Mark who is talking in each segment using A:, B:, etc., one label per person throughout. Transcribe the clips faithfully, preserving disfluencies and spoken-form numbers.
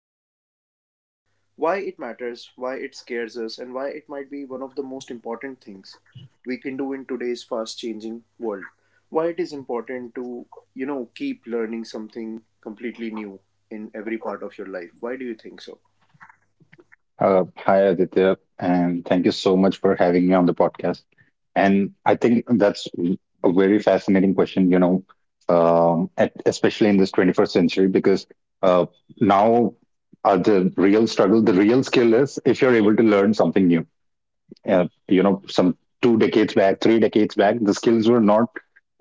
A: um why it matters, why it scares us, and why it might be one of the most important things we can do in today's fast changing world. Why it is important to, you know, keep learning something completely new in every part of your life. Why do you think so?
B: Uh, hi, Aditya, and thank you so much for having me on the podcast. And I think that's a very fascinating question, you know, um, at, especially in this twenty-first century, because uh, now uh, the real struggle, the real skill is if you're able to learn something new. Uh, you know, some two decades back, three decades back, the skills were not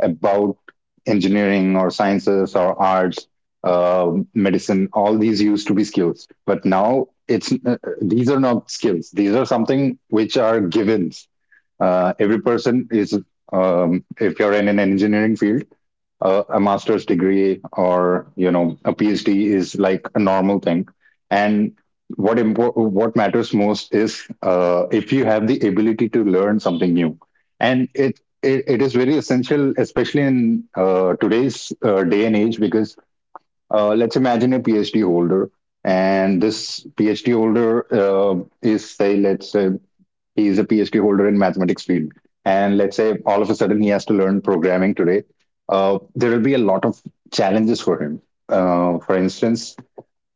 B: about engineering or sciences or arts, uh, medicine. All these used to be skills, but now it's uh, these are not skills, these are something which are givens. Uh, every person is— um, if you're in an engineering field, uh, a master's degree, or you know, a PhD is like a normal thing. And what impor- what matters most is, uh, if you have the ability to learn something new, and it it, it is very essential, especially in uh, today's uh, day and age, because uh, let's imagine a PhD holder, and this PhD holder uh, is, say, let's say he is a PhD holder in mathematics field. And let's say all of a sudden he has to learn programming today. Uh, there will be a lot of challenges for him. Uh, for instance,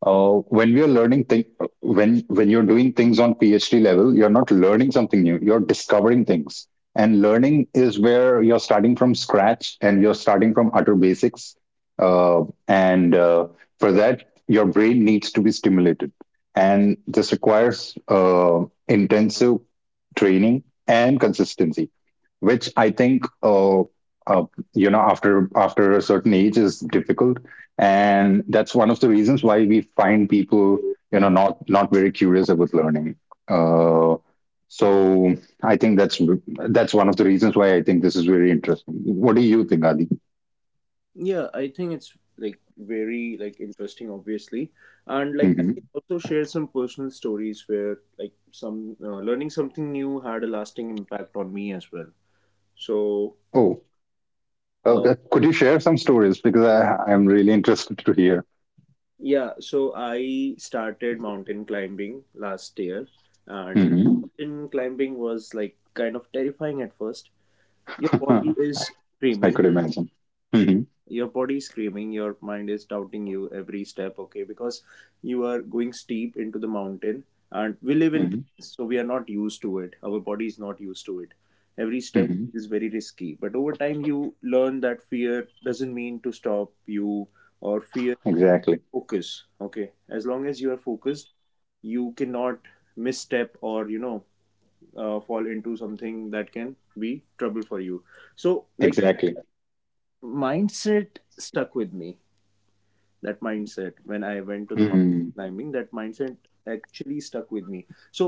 B: uh, when we are learning thing, when when you're doing things on PhD level, you're not learning something new. You're discovering things, and learning is where you're starting from scratch and you're starting from utter basics. Uh, and uh, For that, your brain needs to be stimulated, and this requires uh, intensive training and consistency, which I think, uh, uh, you know, after after a certain age is difficult, and that's one of the reasons why we find people, you know, not not very curious about learning. Uh, so I think that's— that's one of the reasons why I think this is very interesting. What do you think, Adi?
A: Yeah, I think it's like very like interesting, obviously, and like I can
B: Hmm.
A: also share some personal stories where like some uh, learning something new had a lasting impact on me as well. So,
B: Oh,
A: uh,
B: okay, could you share some stories, because i i'm really interested to hear.
A: yeah, so I started mountain climbing last year, and
B: Hmm.
A: mountain climbing was like kind of terrifying at first. Your body is
B: I
A: screaming.
B: could imagine. Hmm.
A: Your body is screaming, your mind is doubting you every step, okay, because you are going steep into the mountain, and we live in
B: Hmm.
A: plains, so we are not used to it, our body is not used to it. Every step
B: Hmm.
A: is very risky, but over time you learn that fear doesn't mean to stop you, or fear
B: Exactly,
A: focus, okay, as long as you are focused, you cannot misstep or you know uh, fall into something that can be trouble for you. So like
B: exactly.
A: mindset stuck with me, that mindset, when I went to the mountain
B: Hmm.
A: climbing, that mindset actually stuck with me. So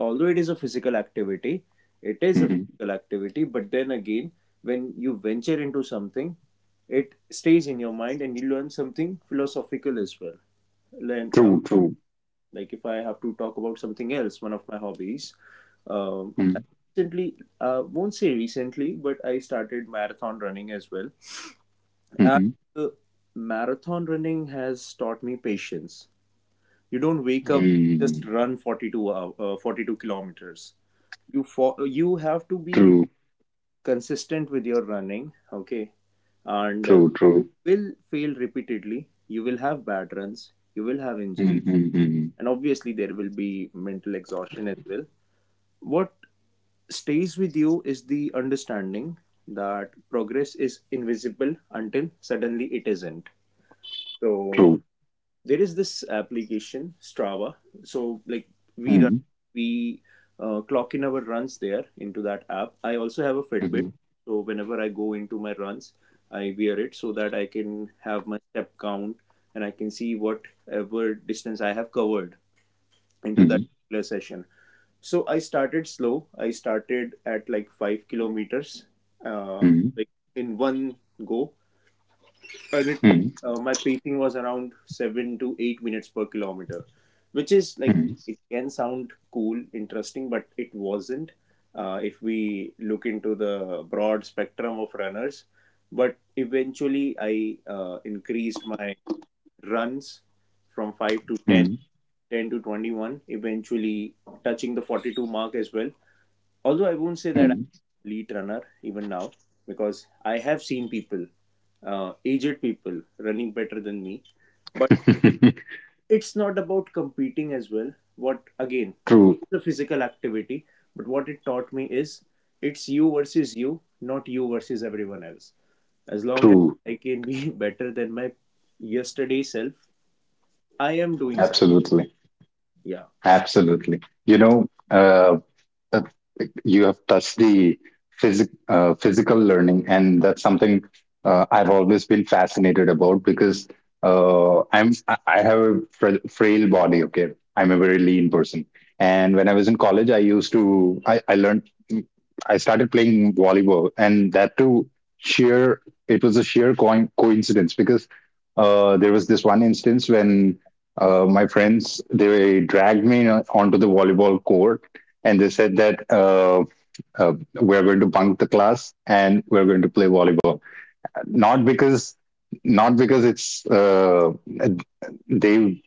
A: although it is a physical activity, it is a
B: Hmm.
A: physical activity, but then again, when you venture into something, it stays in your mind and you learn something philosophical as well. Learn, uh,
B: True, true.
A: like if I have to talk about something else, one of my hobbies, um,
B: Hmm.
A: I recently, uh, won't say recently, but I started marathon running as well. And
B: Hmm.
A: uh, marathon running has taught me patience. You don't wake up and
B: Mm.
A: just run forty-two hour, uh, forty-two kilometers. You fo- you have to be
B: True,
A: consistent with your running, okay? And uh,
B: true, true.
A: you will fail repeatedly. You will have bad runs. You will have
B: Mhm,
A: injury,
B: mhm.
A: and obviously there will be mental exhaustion as well. What stays with you is the understanding that progress is invisible until suddenly it isn't. So
B: True.
A: there is this application, Strava. So like we run,
B: Mhm,
A: we uh, clock in our runs there into that app. I also have a Fitbit,
B: mhm,
A: so whenever I go into my runs, I wear it so that I can have my step count and I can see whatever distance I have covered into that
B: mhm,
A: particular session. So I started slow. I started at like five kilometers, uh,
B: mhm,
A: like in one go, and think
B: mhm,
A: uh, my pacing was around seven to eight minutes per kilometer, which is like,
B: mhm,
A: it can sound cool, interesting, but it wasn't. Uh, if we look into the broad spectrum of runners, but eventually I uh, increased my runs from five to ten,
B: mhm,
A: ten to twenty-one, eventually touching the forty-two mark as well, although I won't say that I'm
B: mhm.
A: an elite runner even now, because I have seen people, uh, aged people, running better than me. But it's not about competing as well. What again,
B: True,
A: it's a physical activity, but what it taught me is it's you versus you, not you versus everyone else. As long as
B: true.
A: I can be better than my yesterday self, I am doing something.
B: Absolutely.
A: Yeah.
B: Absolutely. You know, uh, uh, you have touched the phys- uh, physical learning, and that's something uh, I've always been fascinated about, because uh, I'm I I have a fra- frail body. Okay, I'm a very lean person, and when I was in college, I used to I, I learned I started playing volleyball, and that too— sheer, it was a sheer coin coincidence, because uh, there was this one instance when uh, my friends, they dragged me uh, onto the volleyball court, and they said that, uh, uh, we're going to bunk the class and we're going to play volleyball, not because— not because it's uh, they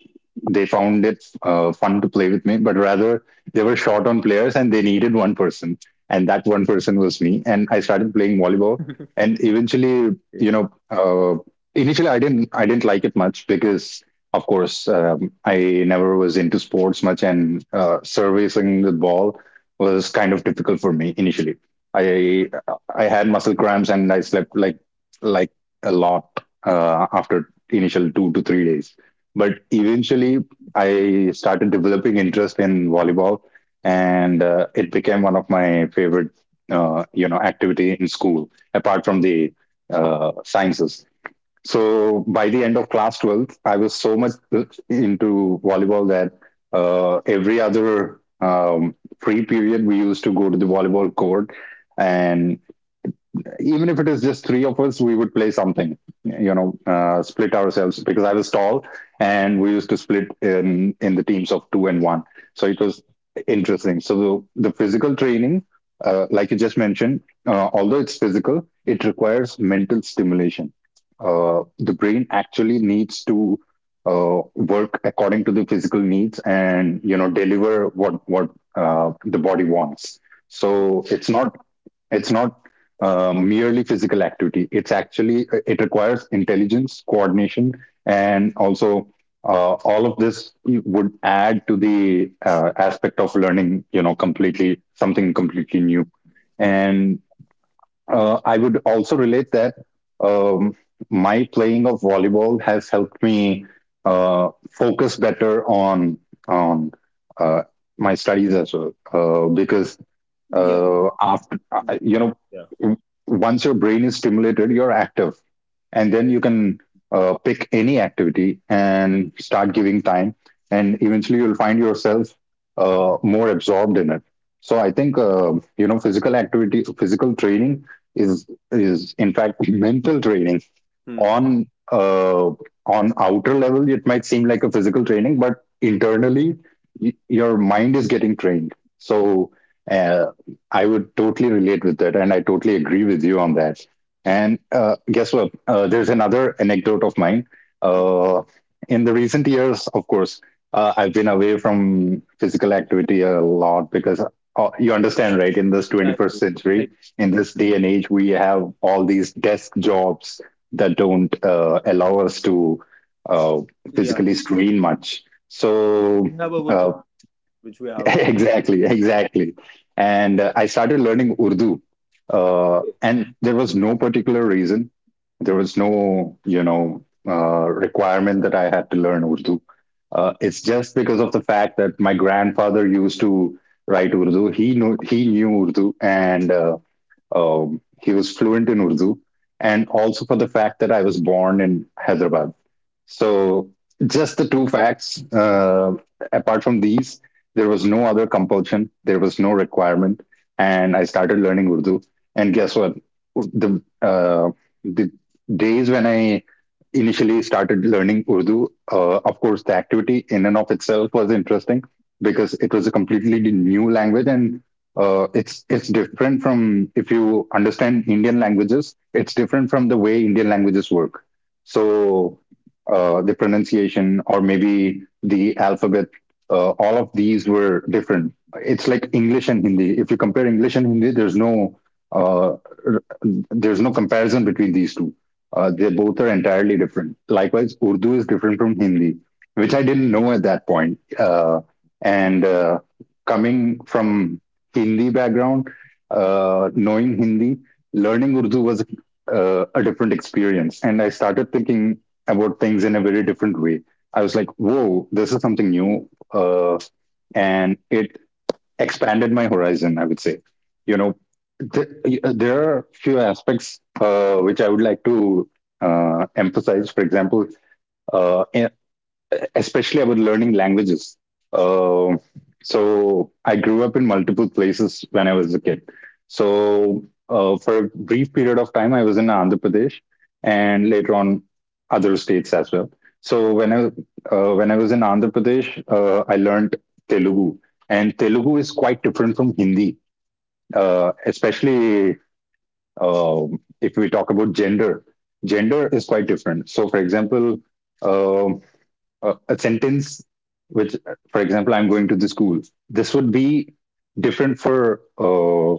B: they found it uh, fun to play with me, but rather they were short on players and they needed one person, and that one person was me. And I started playing volleyball, and eventually, you
A: Okay.
B: know, uh, initially I didn't I didn't like it much, because of course, um, I never was into sports much, and uh, servicing the ball was kind of difficult for me initially. I I had muscle cramps and I slept like like a lot uh, after initial two to three days. But
A: Mm.
B: eventually, I started developing interest in volleyball, and uh, it became one of my favorite, uh, you know, activity in school, apart from the uh, sciences. So by the end of class twelfth, I was so much into volleyball that uh, every other um, free period, we used to go to the volleyball court, and even if it is just three of us, we would play something, you know, uh, split ourselves, because I was tall, and we used to split in, in the teams of two and one. So it was interesting. So the, the physical training, uh, like you just mentioned, uh, although it's physical, it requires mental stimulation. Uh, the brain actually needs to uh, work according to the physical needs, and you know, deliver what what uh, the body wants. So it's not it's not uh, merely physical activity. It's actually, uh, it requires intelligence, coordination, and also uh, all of this would add to the uh, aspect of learning. You know, completely— something completely new. And
A: Mm.
B: uh, I would also relate that, um, my playing of volleyball has helped me uh, focus better on on uh, my studies as well, uh, because
A: Yeah.
B: uh, after, uh, you know,
A: Yeah.
B: w- once your brain is stimulated, you're active, and then you can uh, pick any activity and start giving time, and eventually you'll find yourself uh, more absorbed in it. So I think, uh, you know, physical activity, physical training is— is in fact mental training.
A: Hmm. Yeah.
B: On— uh, on outer level, it might seem like a physical training, but internally, y- your mind is getting trained. So uh, I would totally relate with that, and I totally agree with you on that. And uh, guess what, uh, there's another anecdote of mine.
A: Yeah.
B: uh, in the recent years, of course, uh, I've been away from physical activity a lot, because uh, you understand, right, in this
A: Yeah.
B: twenty-first
A: Yeah. I,
B: century,
A: I
B: in
A: do.
B: this day and age, we have all these desk jobs that don't uh, allow us to uh,
A: Yeah.
B: physically screen much. So—
A: We have our
B: uh,
A: commitment which we have to
B: exactly, exactly. And uh, I started learning Urdu, uh,
A: pay.
B: and there was no particular reason. There was no, you know, uh, requirement that I had to learn Urdu. Uh, it's just because of the fact that my grandfather used to write Urdu. He knew— he knew Urdu, and uh, um, he was fluent in Urdu, and also for the fact that I was born in Hyderabad. So, just the two facts. Uh, apart from these, there was no other compulsion, there was no requirement, and I started learning Urdu. And guess what? The uh, the days when I initially started learning Urdu, uh, of course, the activity in and of itself was interesting, because it was a completely new language, and uh, it's it's different from— if you understand Indian languages, it's different from the way Indian languages work. So uh, the pronunciation, or maybe the alphabet, uh, all of these were different. It's like English and Hindi. If you compare English and Hindi, there's no uh, r- there's no comparison between these two. Uh, they both are entirely different. Likewise, Urdu is different from Hindi, which
A: Mhm.
B: I didn't know at that point. Uh, and uh, Coming from Hindi background, uh, knowing Hindi, learning Urdu was uh, a different experience. And I started thinking about things in a very different way. I was like, whoa, this is something new. Uh, and it expanded my horizon, I would say. You know, th- there are few aspects uh, which I would like to uh, emphasize. For example, uh, especially about learning languages. Uh, so I grew up in multiple places when I was a kid. So uh, for a brief period of time, I was in Andhra Pradesh, and later on other states as well. So when I uh, when I was in Andhra Pradesh, uh, I learned Telugu, and Telugu is quite different from Hindi, uh, especially uh, if we talk about gender. Gender is quite different. So, for example, uh, a, a sentence which, for example, I'm going to the school. This would be different for uh,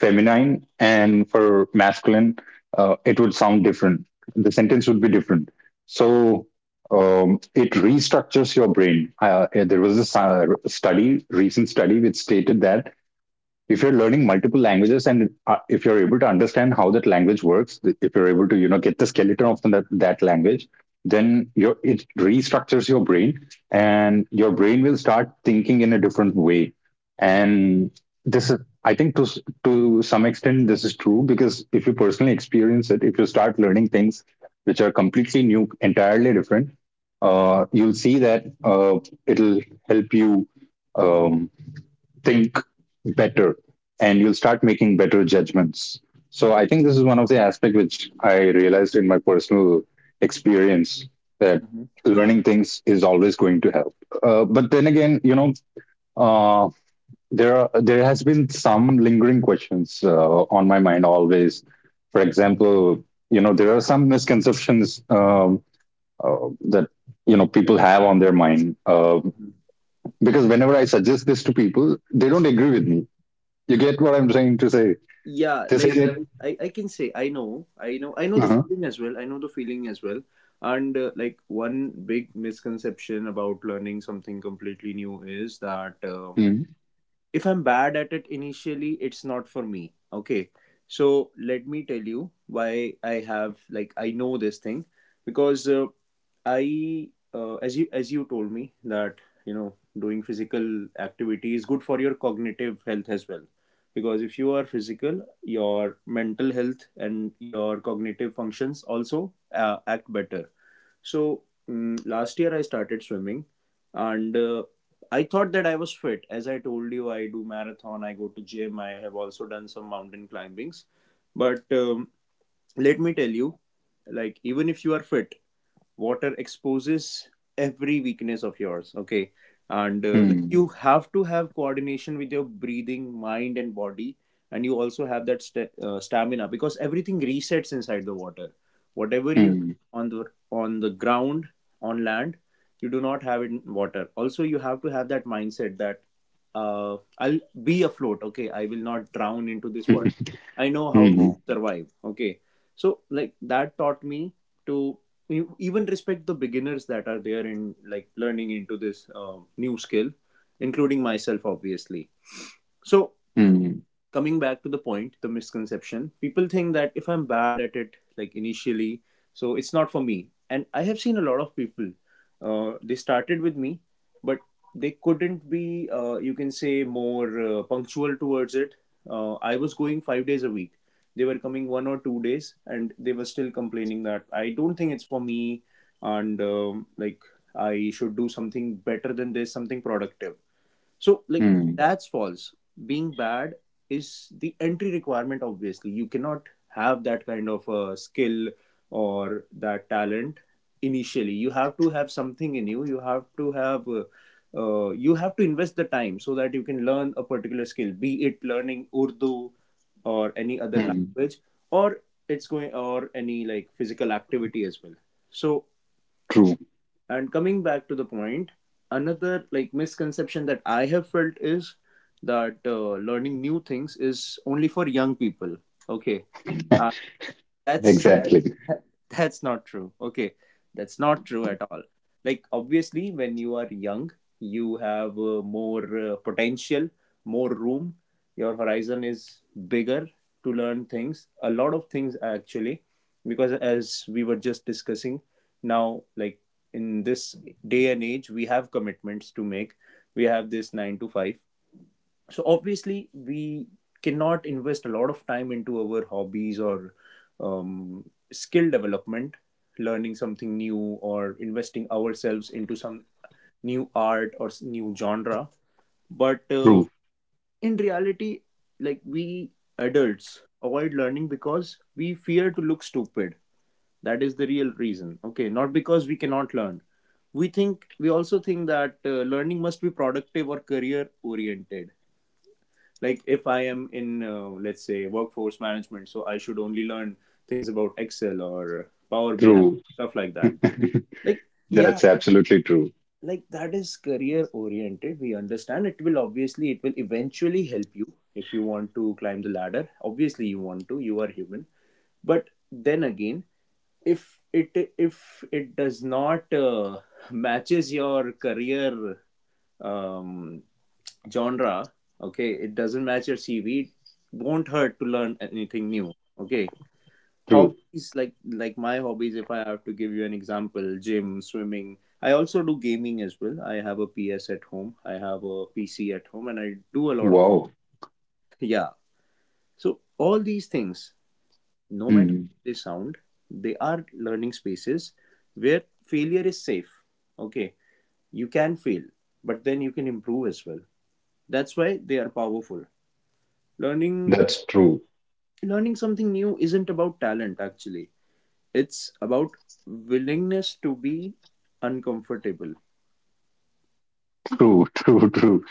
B: feminine and for masculine. Uh, it would sound different. The sentence would be different. So um, it restructures your brain. Uh, there was a study, recent study, which stated that if you're learning multiple languages, and uh, if you're able to understand how that language works, if you're able to, you know, get the skeleton of that, that language, then your— it restructures your brain, and your brain will start thinking in a different way. And this is, I think, to— to some extent this is true, because if you personally experience it, if you start learning things which are completely new, entirely different, uh, you'll see that uh, it'll help you um, think better, and you'll start making better judgments. So I think this is one of the aspects which I realized in my personal experience, that
A: Mhm.
B: learning things is always going to help. Uh, but then again, you know, uh, there are— there has been some lingering questions uh, on my mind always. For example, you know, there are some misconceptions, um, uh, that you know,
A: But-
B: people have on their mind, uh,
A: mhm.
B: because whenever I suggest this to people, they don't agree with me. You get what I'm trying to say?
A: Yeah,
B: They say
A: like
B: that.
A: I, I can say i know i know i know the
B: Uh-huh.
A: feeling as well, I know the feeling as well. And uh, like one big misconception about learning something completely new is that uh,
B: Mm,
A: if I'm bad at it initially, it's not for me. Okay. So let me tell you why I have like I know this thing, because uh, I, uh, as you as you told me, that you know doing physical activity is good for your cognitive health as well, because if you are physical, your mental health and your cognitive functions also uh, act better. So, mm, last year I started swimming, and uh, I thought that I was fit. As I told you, I do marathon, I go to gym, I have also done some mountain climbings. But um, let me tell you, like even if you are fit, water exposes every weakness of yours, okay. And uh, like
B: mm,
A: you have to have coordination with your breathing, mind, and body, and you also have that st- uh, stamina, because everything resets inside the water, whatever you
B: mm,
A: on the on the ground on land you do not have it in water. Also, you have to have that mindset that uh, I'll be afloat, okay, I will not drown into this water, I know how
B: mm,
A: to
B: mm,
A: survive, okay. So like that taught me to, you even respect the beginners that are there in like learning into this uh, new skill, including myself, obviously. So
B: mm,
A: coming back to the point, the misconception, people think that if I'm bad at it, like initially, so it's not for me. And I have seen a lot of people, uh, they started with me, but they couldn't be, uh, you can say, more uh, punctual towards it. Uh, I was going five days a week. They were coming one or two days, and they were still complaining that I don't think it's for me, and um, like, I should do something better than this, something productive. So, like,
B: mm.
A: that's false. Being bad is the entry requirement, obviously. You cannot have that kind of a skill or that talent initially. You have to have something in you. You have to have. Uh, uh, you have to invest the time so that you can learn a particular skill, be it learning Urdu or any other
B: Mm.
A: language, or it's going or any like physical activity as well. So,
B: True.
A: and coming back to the point, another like misconception that I have felt is that uh, learning new things is only for young people. Okay. I That's that,
B: Exactly.
A: that that's not true, okay, that's not true at all. Like obviously when you are young, you have uh, more uh, potential, more room, your horizon is bigger to learn things, a lot of things actually, because as we were just discussing now, like in this day and age we have commitments to make, we have this nine to five, so obviously we cannot invest a lot of time into our hobbies or um, skill development, learning something new or investing ourselves into some new art or s- new genre, but uh,
B: True.
A: in reality, like we adults avoid learning because we fear to look stupid. That is the real reason, okay, not because we cannot learn. We think we also think that uh, learning must be productive or career oriented, like if I am in, uh, let's say, workforce management, so I should only learn things about Excel or Power BI,
B: True.
A: stuff like that, like, yeah,
B: That's absolutely true.
A: like that is career oriented, we understand, it will obviously, it will eventually help you if you want to climb the ladder, obviously you want to, you are human. But then again, if it if it does not uh, matches your career um genre, okay, it doesn't match your CV, it won't hurt to learn anything new, okay.
B: True.
A: Hobbies, like like my hobbies, if I have to give you an example, gym, swimming, I also do gaming as well. I have a PS at home, I have a PC at home, and I do a lot of.
B: Wow.
A: Yeah. So all these things, no matter
B: Mm.
A: how they sound, they are learning spaces where failure is safe, okay. You can fail, but then you can improve as well. That's why they are powerful. learning
B: That's true.
A: learning something new isn't about talent actually, it's about willingness to be uncomfortable.
B: True. True. True.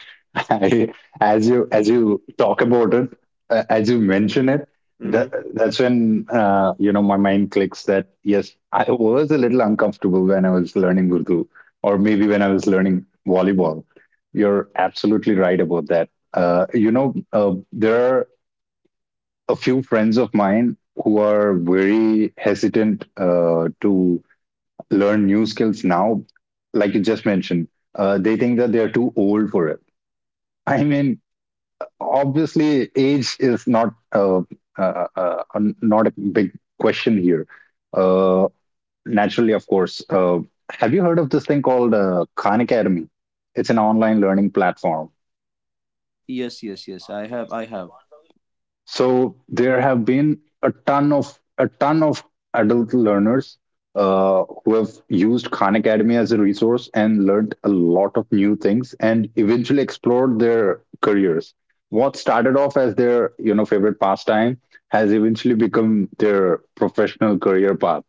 B: I, as you as you talk about it, uh, as you mention it, that,
A: Mm-hmm.
B: that's when uh, you know my mind clicks that yes, I was a little uncomfortable when I was learning Urdu, or maybe when I was learning volleyball. You're absolutely right about that. Uh, you know, uh, there are a few friends of mine who are very hesitant uh, to learn new skills now, like you just mentioned. Uh, they think that they're too old for it. I mean, obviously age is not uh, uh, uh, uh, not a big question here, uh, naturally, of course. Uh, have you heard of this thing called uh, Khan Academy? It's an online learning platform.
A: Yes, yes, yes, i have i have.
B: So there have been a ton of a ton of adult learners uh, who have used Khan Academy as a resource and learned a lot of new things and eventually explored their careers. What started off as their you know favorite pastime has eventually become their professional career path.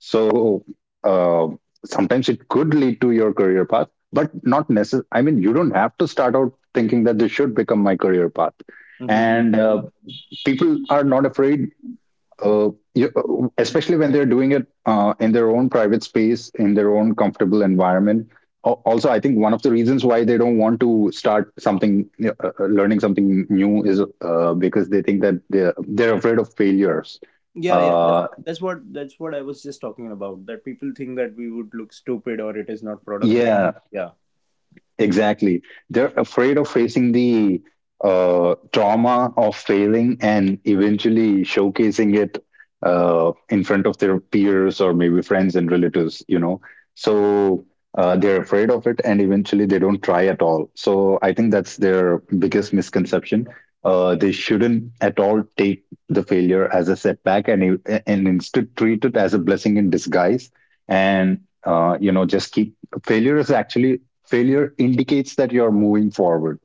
B: So, uh, sometimes it could lead to your career path, but not necessarily. I mean, you don't have to start out thinking that this should become my career path.
A: Hmm.
B: And uh, people are not afraid, uh, you, uh, especially when they're doing it uh, in their own private space, in their own comfortable environment. Also, I think one of the reasons why they don't want to start something, uh, uh, learning something new, is uh, because they think that they're, they're afraid of failures.
A: Yeah, yeah, that's,
B: uh,
A: what- that's what that's what I was just talking about, that people think that we would look stupid or it is not productive.
B: yeah,
A: Yeah.
B: exactly. They're afraid of facing the uh, trauma of failing and eventually showcasing it uh, in front of their peers, or maybe friends and relatives, you know. So uh, they're afraid of it and eventually they don't try at all. So I think that's their biggest misconception. Uh, they shouldn't at all take the failure as a setback, and, e, and instead treat it as a blessing in disguise. And, uh, you know, just keep— failure is actually— failure indicates that you're moving forward.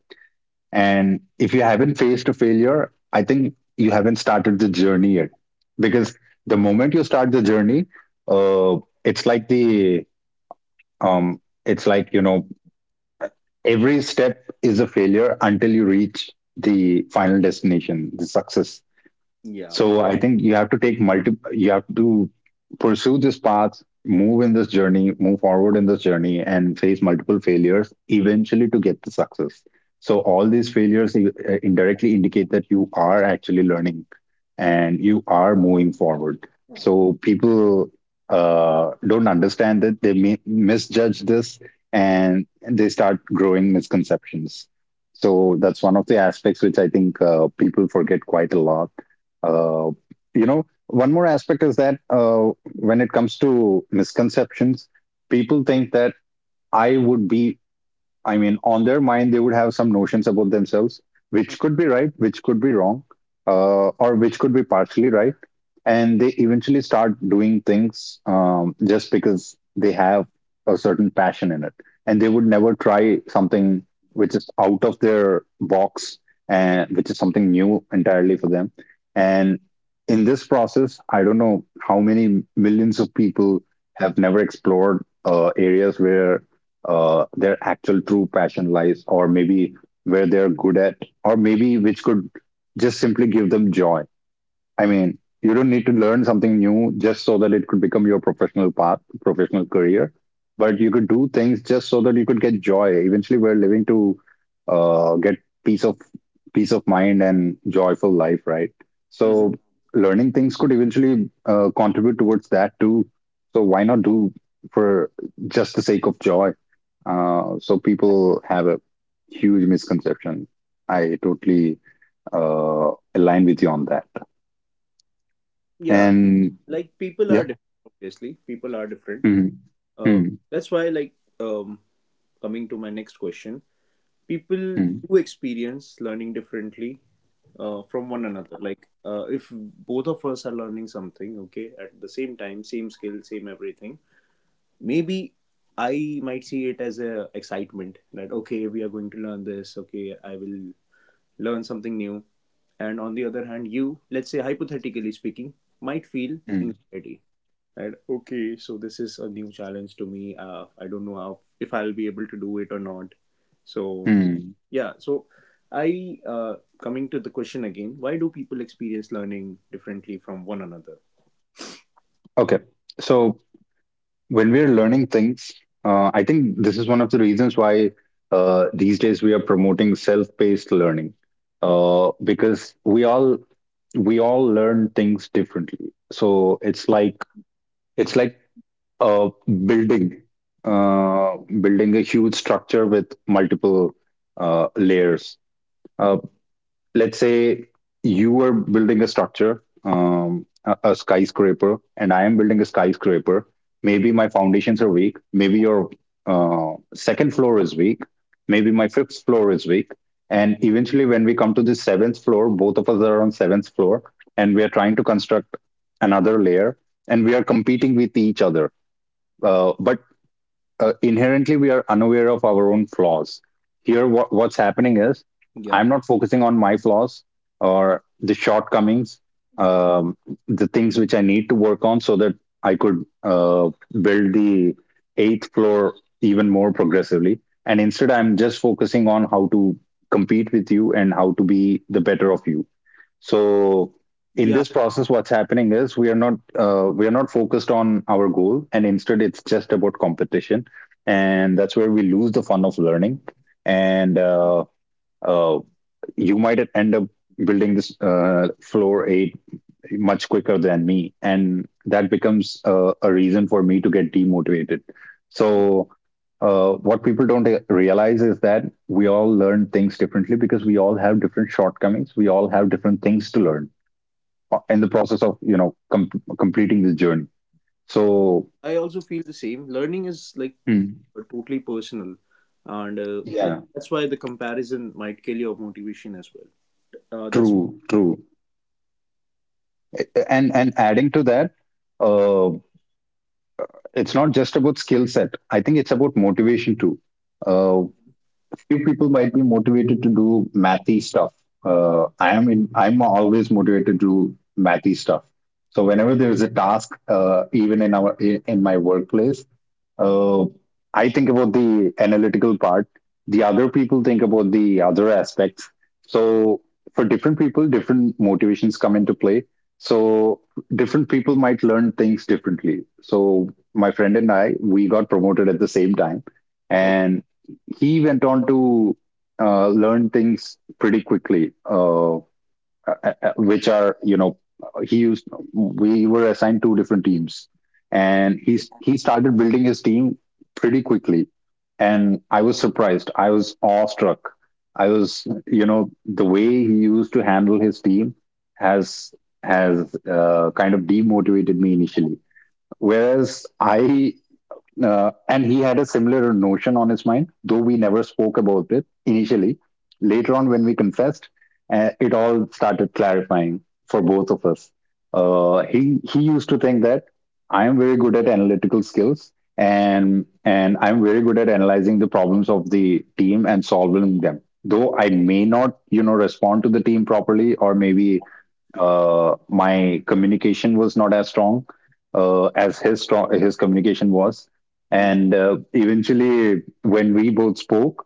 B: And if you haven't faced a failure, I think you haven't started the journey yet. Because the moment you start the journey, uh, it's like the— um, it's like, you know, every step is a failure until you reach the final destination, the success.
A: Yeah.
B: So I think you have to take multiple— you have to pursue this path, move in this journey, move forward in this journey, and face multiple failures eventually to get the success. So all these failures i- indirectly indicate that you are actually learning and you are moving forward. So people uh, don't understand that they mi- misjudge this and they start growing misconceptions. So that's one of the aspects which I think uh, people forget quite a lot. Uh, you know, one more aspect is that uh, when it comes to misconceptions, people think that I would be— I mean, on their mind, they would have some notions about themselves, which could be right, which could be wrong, uh, or which could be partially right. And they eventually start doing things um, just because they have a certain passion in it. And they would never try something which is out of their box and which is something new entirely for them. And in this process, I don't know how many millions of people have never explored uh, areas where uh, their actual true passion lies, or maybe where they're good at, or maybe which could just simply give them joy. I mean, you don't need to learn something new just so that it could become your professional path, professional career. But you could do things just so that you could get joy. Eventually, we're living to uh, get peace of peace of mind and joyful life, right? So
A: Hmm.
B: learning things could eventually uh, contribute towards that too. So why not do, for just the sake of joy? Uh, so people have a huge misconception. I totally uh, align with you on that.
A: Yeah,
B: And
A: like people are
B: yeah.
A: different, obviously people are different.
B: Mm,
A: uh,
B: mm,
A: that's why, like, um, coming to my next question, people
B: mm,
A: do experience learning differently uh, from one another, like uh, if both of us are learning something, okay, at the same time, same skill, same everything, maybe I might see it as a excitement that, okay, we are going to learn this, okay, I will learn something new, and on the other hand you, let's say hypothetically speaking, might feel
B: mm,
A: anxiety, right, okay, so this is a new challenge to me, uh, I don't know how if I'll be able to do it or not, so
B: mm.
A: yeah. So I, uh, coming to the question again. Why do people experience learning differently from one another?
B: Okay. So when we're learning things, uh, I think this is one of the reasons why uh, these days we are promoting self-paced learning, uh, because we all we all learn things differently. So it's
A: Mhm.
B: like— it's like uh, building— uh, building a huge structure with multiple uh, layers. Uh, let's say you are building a structure, um, a, a skyscraper, and I am building a skyscraper. Maybe my foundations are weak. Maybe your uh, second floor is weak. Maybe my fifth floor is weak. And eventually, when we come to the seventh floor, both of us are on seventh floor, and we are trying to construct another layer, and we are competing with each other. Uh, but uh, inherently we are unaware of our own flaws. Here, what, what's happening is
A: Yeah.
B: I'm not focusing on my flaws or the shortcomings, um, the things which I need to work on so that I could uh, build the eighth floor even more progressively. And instead, I'm just focusing on how to compete with you and how to be the better of you. So in
A: Yeah.
B: this process, what's happening is we are not uh, we are not focused on our goal, and instead it's just about competition, and that's where we lose the fun of learning. And uh, uh, you might end up building this uh, floor eight much quicker than me, and that becomes uh, a reason for me to get demotivated.
A: Mm-hmm.
B: So uh, what people don't uh, realize is that we all learn things differently because we all have different shortcomings. We all have different things to learn in the process of, you know, com- completing this journey. So,
A: I also feel the same. Learning is like
B: hmm,
A: uh, totally personal, and uh, like
B: yeah,
A: that's why the comparison might kill your motivation as well. Uh, that's.
B: true, true. And and adding to that, uh, it's not just about skill set, I think it's about motivation too. uh, few people might be motivated to do mathy stuff. Uh, I am in I'm always motivated to do mathy stuff. So whenever there is a task, uh, even in our in my workplace, Uh, I think about the analytical part. The other people think about the other aspects. So for different people, different motivations come into play. So different people might learn things differently. So my friend and I, we got promoted at the same time, and he went on to uh, learn things pretty quickly. Uh, uh, uh, uh, which are you know he used We were assigned two different teams, and he's he started building his team pretty quickly, and I was surprised, I was awestruck. I was, you know, the way he used to handle his team has has uh, kind of demotivated me initially, whereas I— uh, and he had a similar notion on his mind, though we never spoke about it initially. Later on, when we confessed, uh, it all started clarifying for both of us. Uh, he he used to think that I am very good at analytical skills, and and I'm very good at analyzing the problems of the team and solving them. Though I may not, you know, respond to the team properly, or maybe uh, my communication was not as strong uh, as his strong, his communication was.
A: Mhm.
B: And uh, eventually when we both spoke,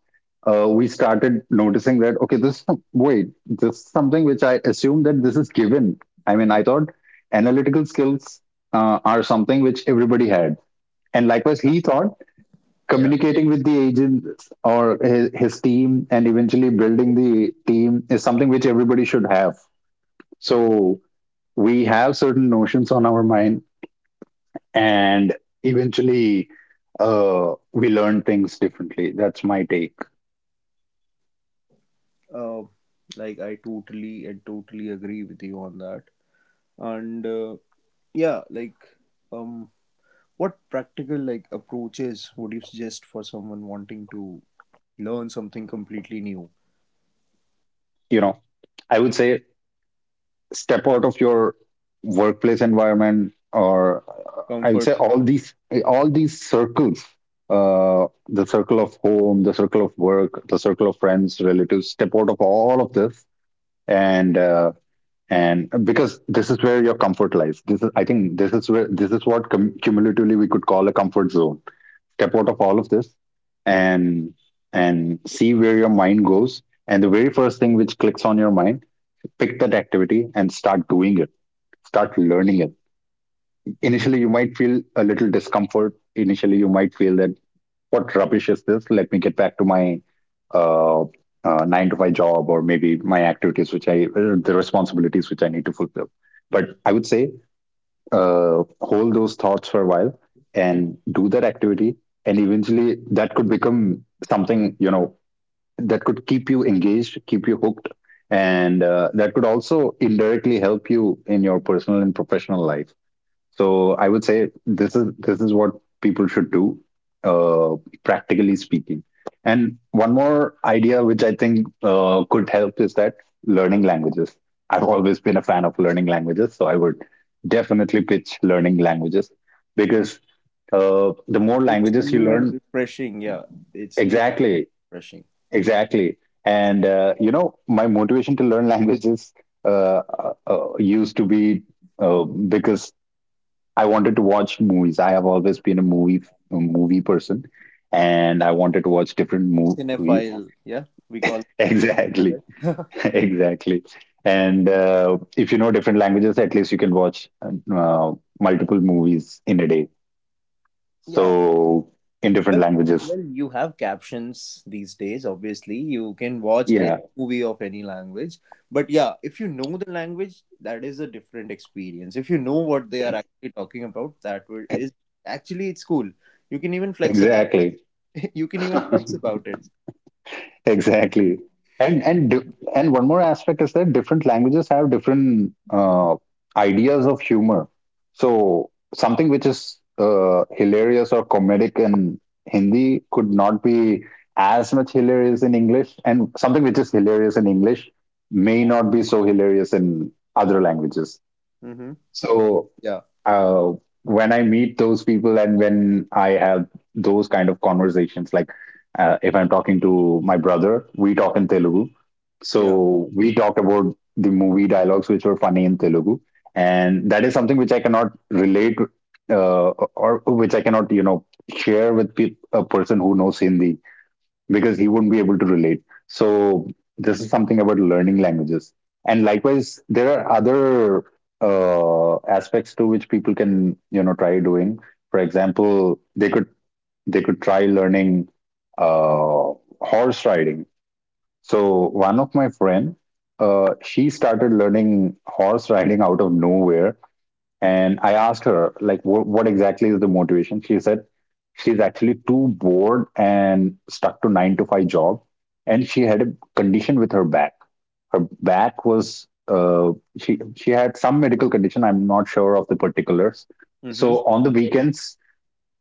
B: uh, we started noticing that, okay, this wait this is something which I assume that this is given. I mean, I thought analytical skills uh, are something which everybody had, and likewise
A: Yeah,
B: he thought
A: yeah.
B: communicating with the agents or his, his team and eventually building the team is something which everybody should have. So we have certain notions on our mind, and eventually uh, we learn things differently. That's my take.
A: Uh, like I totally and totally agree with you on that. And uh, yeah, like um, what practical like approaches would you suggest for someone wanting to learn something completely new?
B: You know, I would say step out of your workplace environment, or uh, I would
A: Comfort.
B: say all these— all these circles, uh, the circle of home, the circle of work, the circle of friends, relatives. Step out of all of this. And uh, and because this is where your comfort lies, this is I think this is where— this is what cum- cumulatively we could call a comfort zone. Step out of all of this, and and see where your mind goes, and the very first thing which clicks on your mind, pick that activity and start doing it, start learning it.
A: Yeah.
B: Initially you might feel a little discomfort. Initially you might feel that, what rubbish is this? Let me get back to my uh, uh, nine to five job, or maybe my activities, which I— uh, the responsibilities which I need to fulfill. But I would say uh, hold those thoughts for a while and do that activity. And eventually that could become something, you know, that could keep you engaged, keep you hooked. And uh, that could also indirectly help you in your personal and professional life. So I would say this is— this is what people should do, uh, practically speaking. And one more idea which I think uh, could help is that learning languages. I've always been a fan of learning languages, so I would definitely pitch learning languages, because uh, the more
A: It's
B: languages you
A: new and
B: learn,
A: refreshing. Yeah. It's new,
B: exactly,
A: refreshing.
B: exactly. And uh, you know, my motivation to learn languages uh, uh, uh, used to be uh, because I wanted to watch movies. I have always been a movie a movie person, and I wanted to watch different movies.
A: Cinephile. Yeah. We call it,
B: Exactly,
A: cinephile.
B: exactly. And uh, if you know different languages, at least you can watch uh, multiple movies in a day.
A: Yeah.
B: So in different
A: Well,
B: languages.
A: well, you have captions these days. Obviously, you can watch a
B: Yeah,
A: movie of any language. But yeah, if you know the language, that is a different experience. If you know what they are actually talking about, that would is actually, it's cool. You can even flex about.
B: exactly.
A: You can even flex about it.
B: Exactly. And and di- and one more aspect is that different languages have different uh, ideas of humor. So something which is uh, hilarious or comedic in Hindi could not be as much hilarious in English, and something which is hilarious in English may not be so hilarious in other languages.
A: Mm-hmm.
B: So
A: Yeah.
B: uh, when I meet those people and when I have those kind of conversations, like uh, if I'm talking to my brother, we talk in Telugu.
A: Yeah.
B: So we talk about the movie dialogues which were funny in Telugu. And that is something which I cannot relate uh, or which I cannot, you know, share with pe- a person who knows Hindi because he wouldn't be able to relate. So this is something about learning languages. And likewise, there are other uh, aspects to which people can you know try doing. For example, they could they could try learning uh, horse riding. So one of my friend, uh, she started learning horse riding out of nowhere and I asked her, like, what, what exactly is the motivation? She said she's actually too bored and stuck to nine to five job. And she had a condition with her back. Her back was, uh, she, she had some medical condition. I'm not sure of the particulars.
A: Mm-hmm.
B: So on the weekends,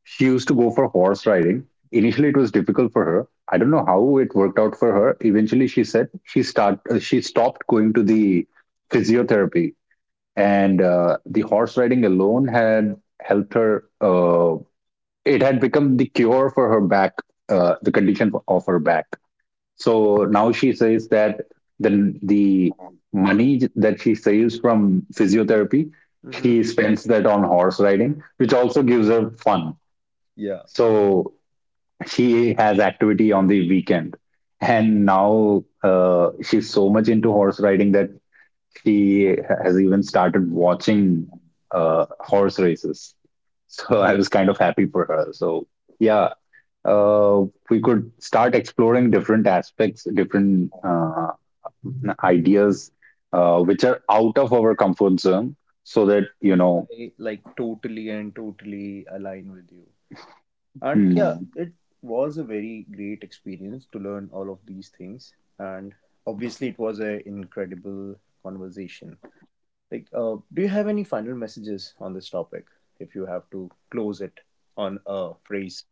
B: she used to go for horse riding. Initially, it was difficult for her. I don't know how it worked out for her. Eventually, she said she start uh, she stopped going to the physiotherapy, and uh, the horse riding alone had helped her. Uh, it had become the cure for her back, uh, the condition of her back. So now she says that the the money that she saves from physiotherapy,
A: Mm-hmm.
B: she spends that on horse riding, which also gives her fun.
A: Yeah,
B: So she has activity on the weekend, and now uh, she's so much into horse riding that she has even started watching uh, horse races. So I was kind of happy for her. So yeah, uh, we could start exploring different aspects, different uh, ideas, uh, which are out of our comfort zone, so that you
A: and
B: know.
A: I like totally and totally align with you. And yeah,
B: Hmm,
A: it was a very great experience to learn all of these things. And obviously, it was an incredible conversation. Like, uh, do you have any final messages on this topic? If you have to close it on a phrase,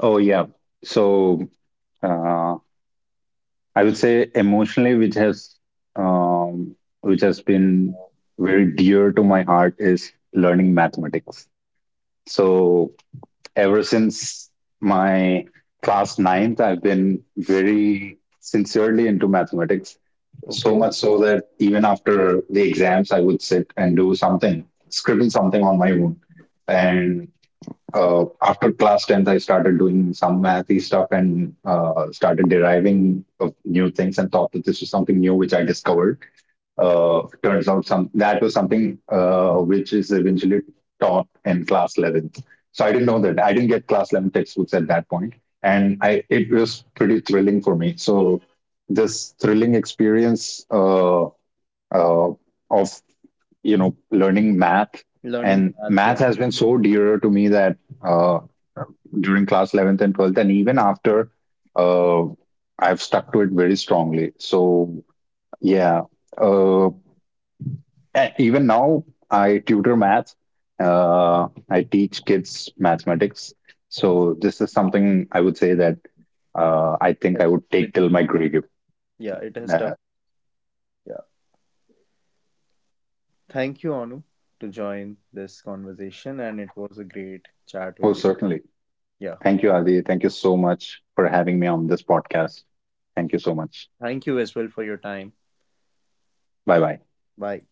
B: oh yeah. So uh, I would say emotionally, which has um, which has been very dear to my heart is learning mathematics. So ever since my class ninth, I've been very sincerely into mathematics. So
A: okay?
B: much so that even after the exams, I would sit and do something, scribble something on my own. And uh, after class tenth, I started doing some mathy stuff and uh, started deriving of new things and thought that this was something new which I discovered. Uh, turns out some that was something uh, which is eventually taught in class eleventh. So I didn't know that. I didn't get class eleven textbooks at that point, and I it was pretty thrilling for me. So this thrilling experience uh, uh, of you know learning math,
A: Learning
B: and
A: math,
B: math
A: yeah,
B: has been so dear to me that uh, during class eleventh and twelfth and even after, uh, I've stuck to it very strongly. So yeah, uh, a- even now I tutor math. uh, I teach kids mathematics. So this is something I would say that uh, I think
A: has
B: I would
A: stuck with
B: take till
A: me.
B: my grave.
A: Yeah, it has stuck.
B: uh,
A: Yeah, thank you, Anu, to join this conversation, and it was a great chat
B: oh,
A: with you.
B: certainly.
A: Yeah.
B: Thank you, Adi. Thank you so much for having me on this podcast. Thank you so much.
A: Thank you as well for your time.
B: Bye bye.
A: Bye.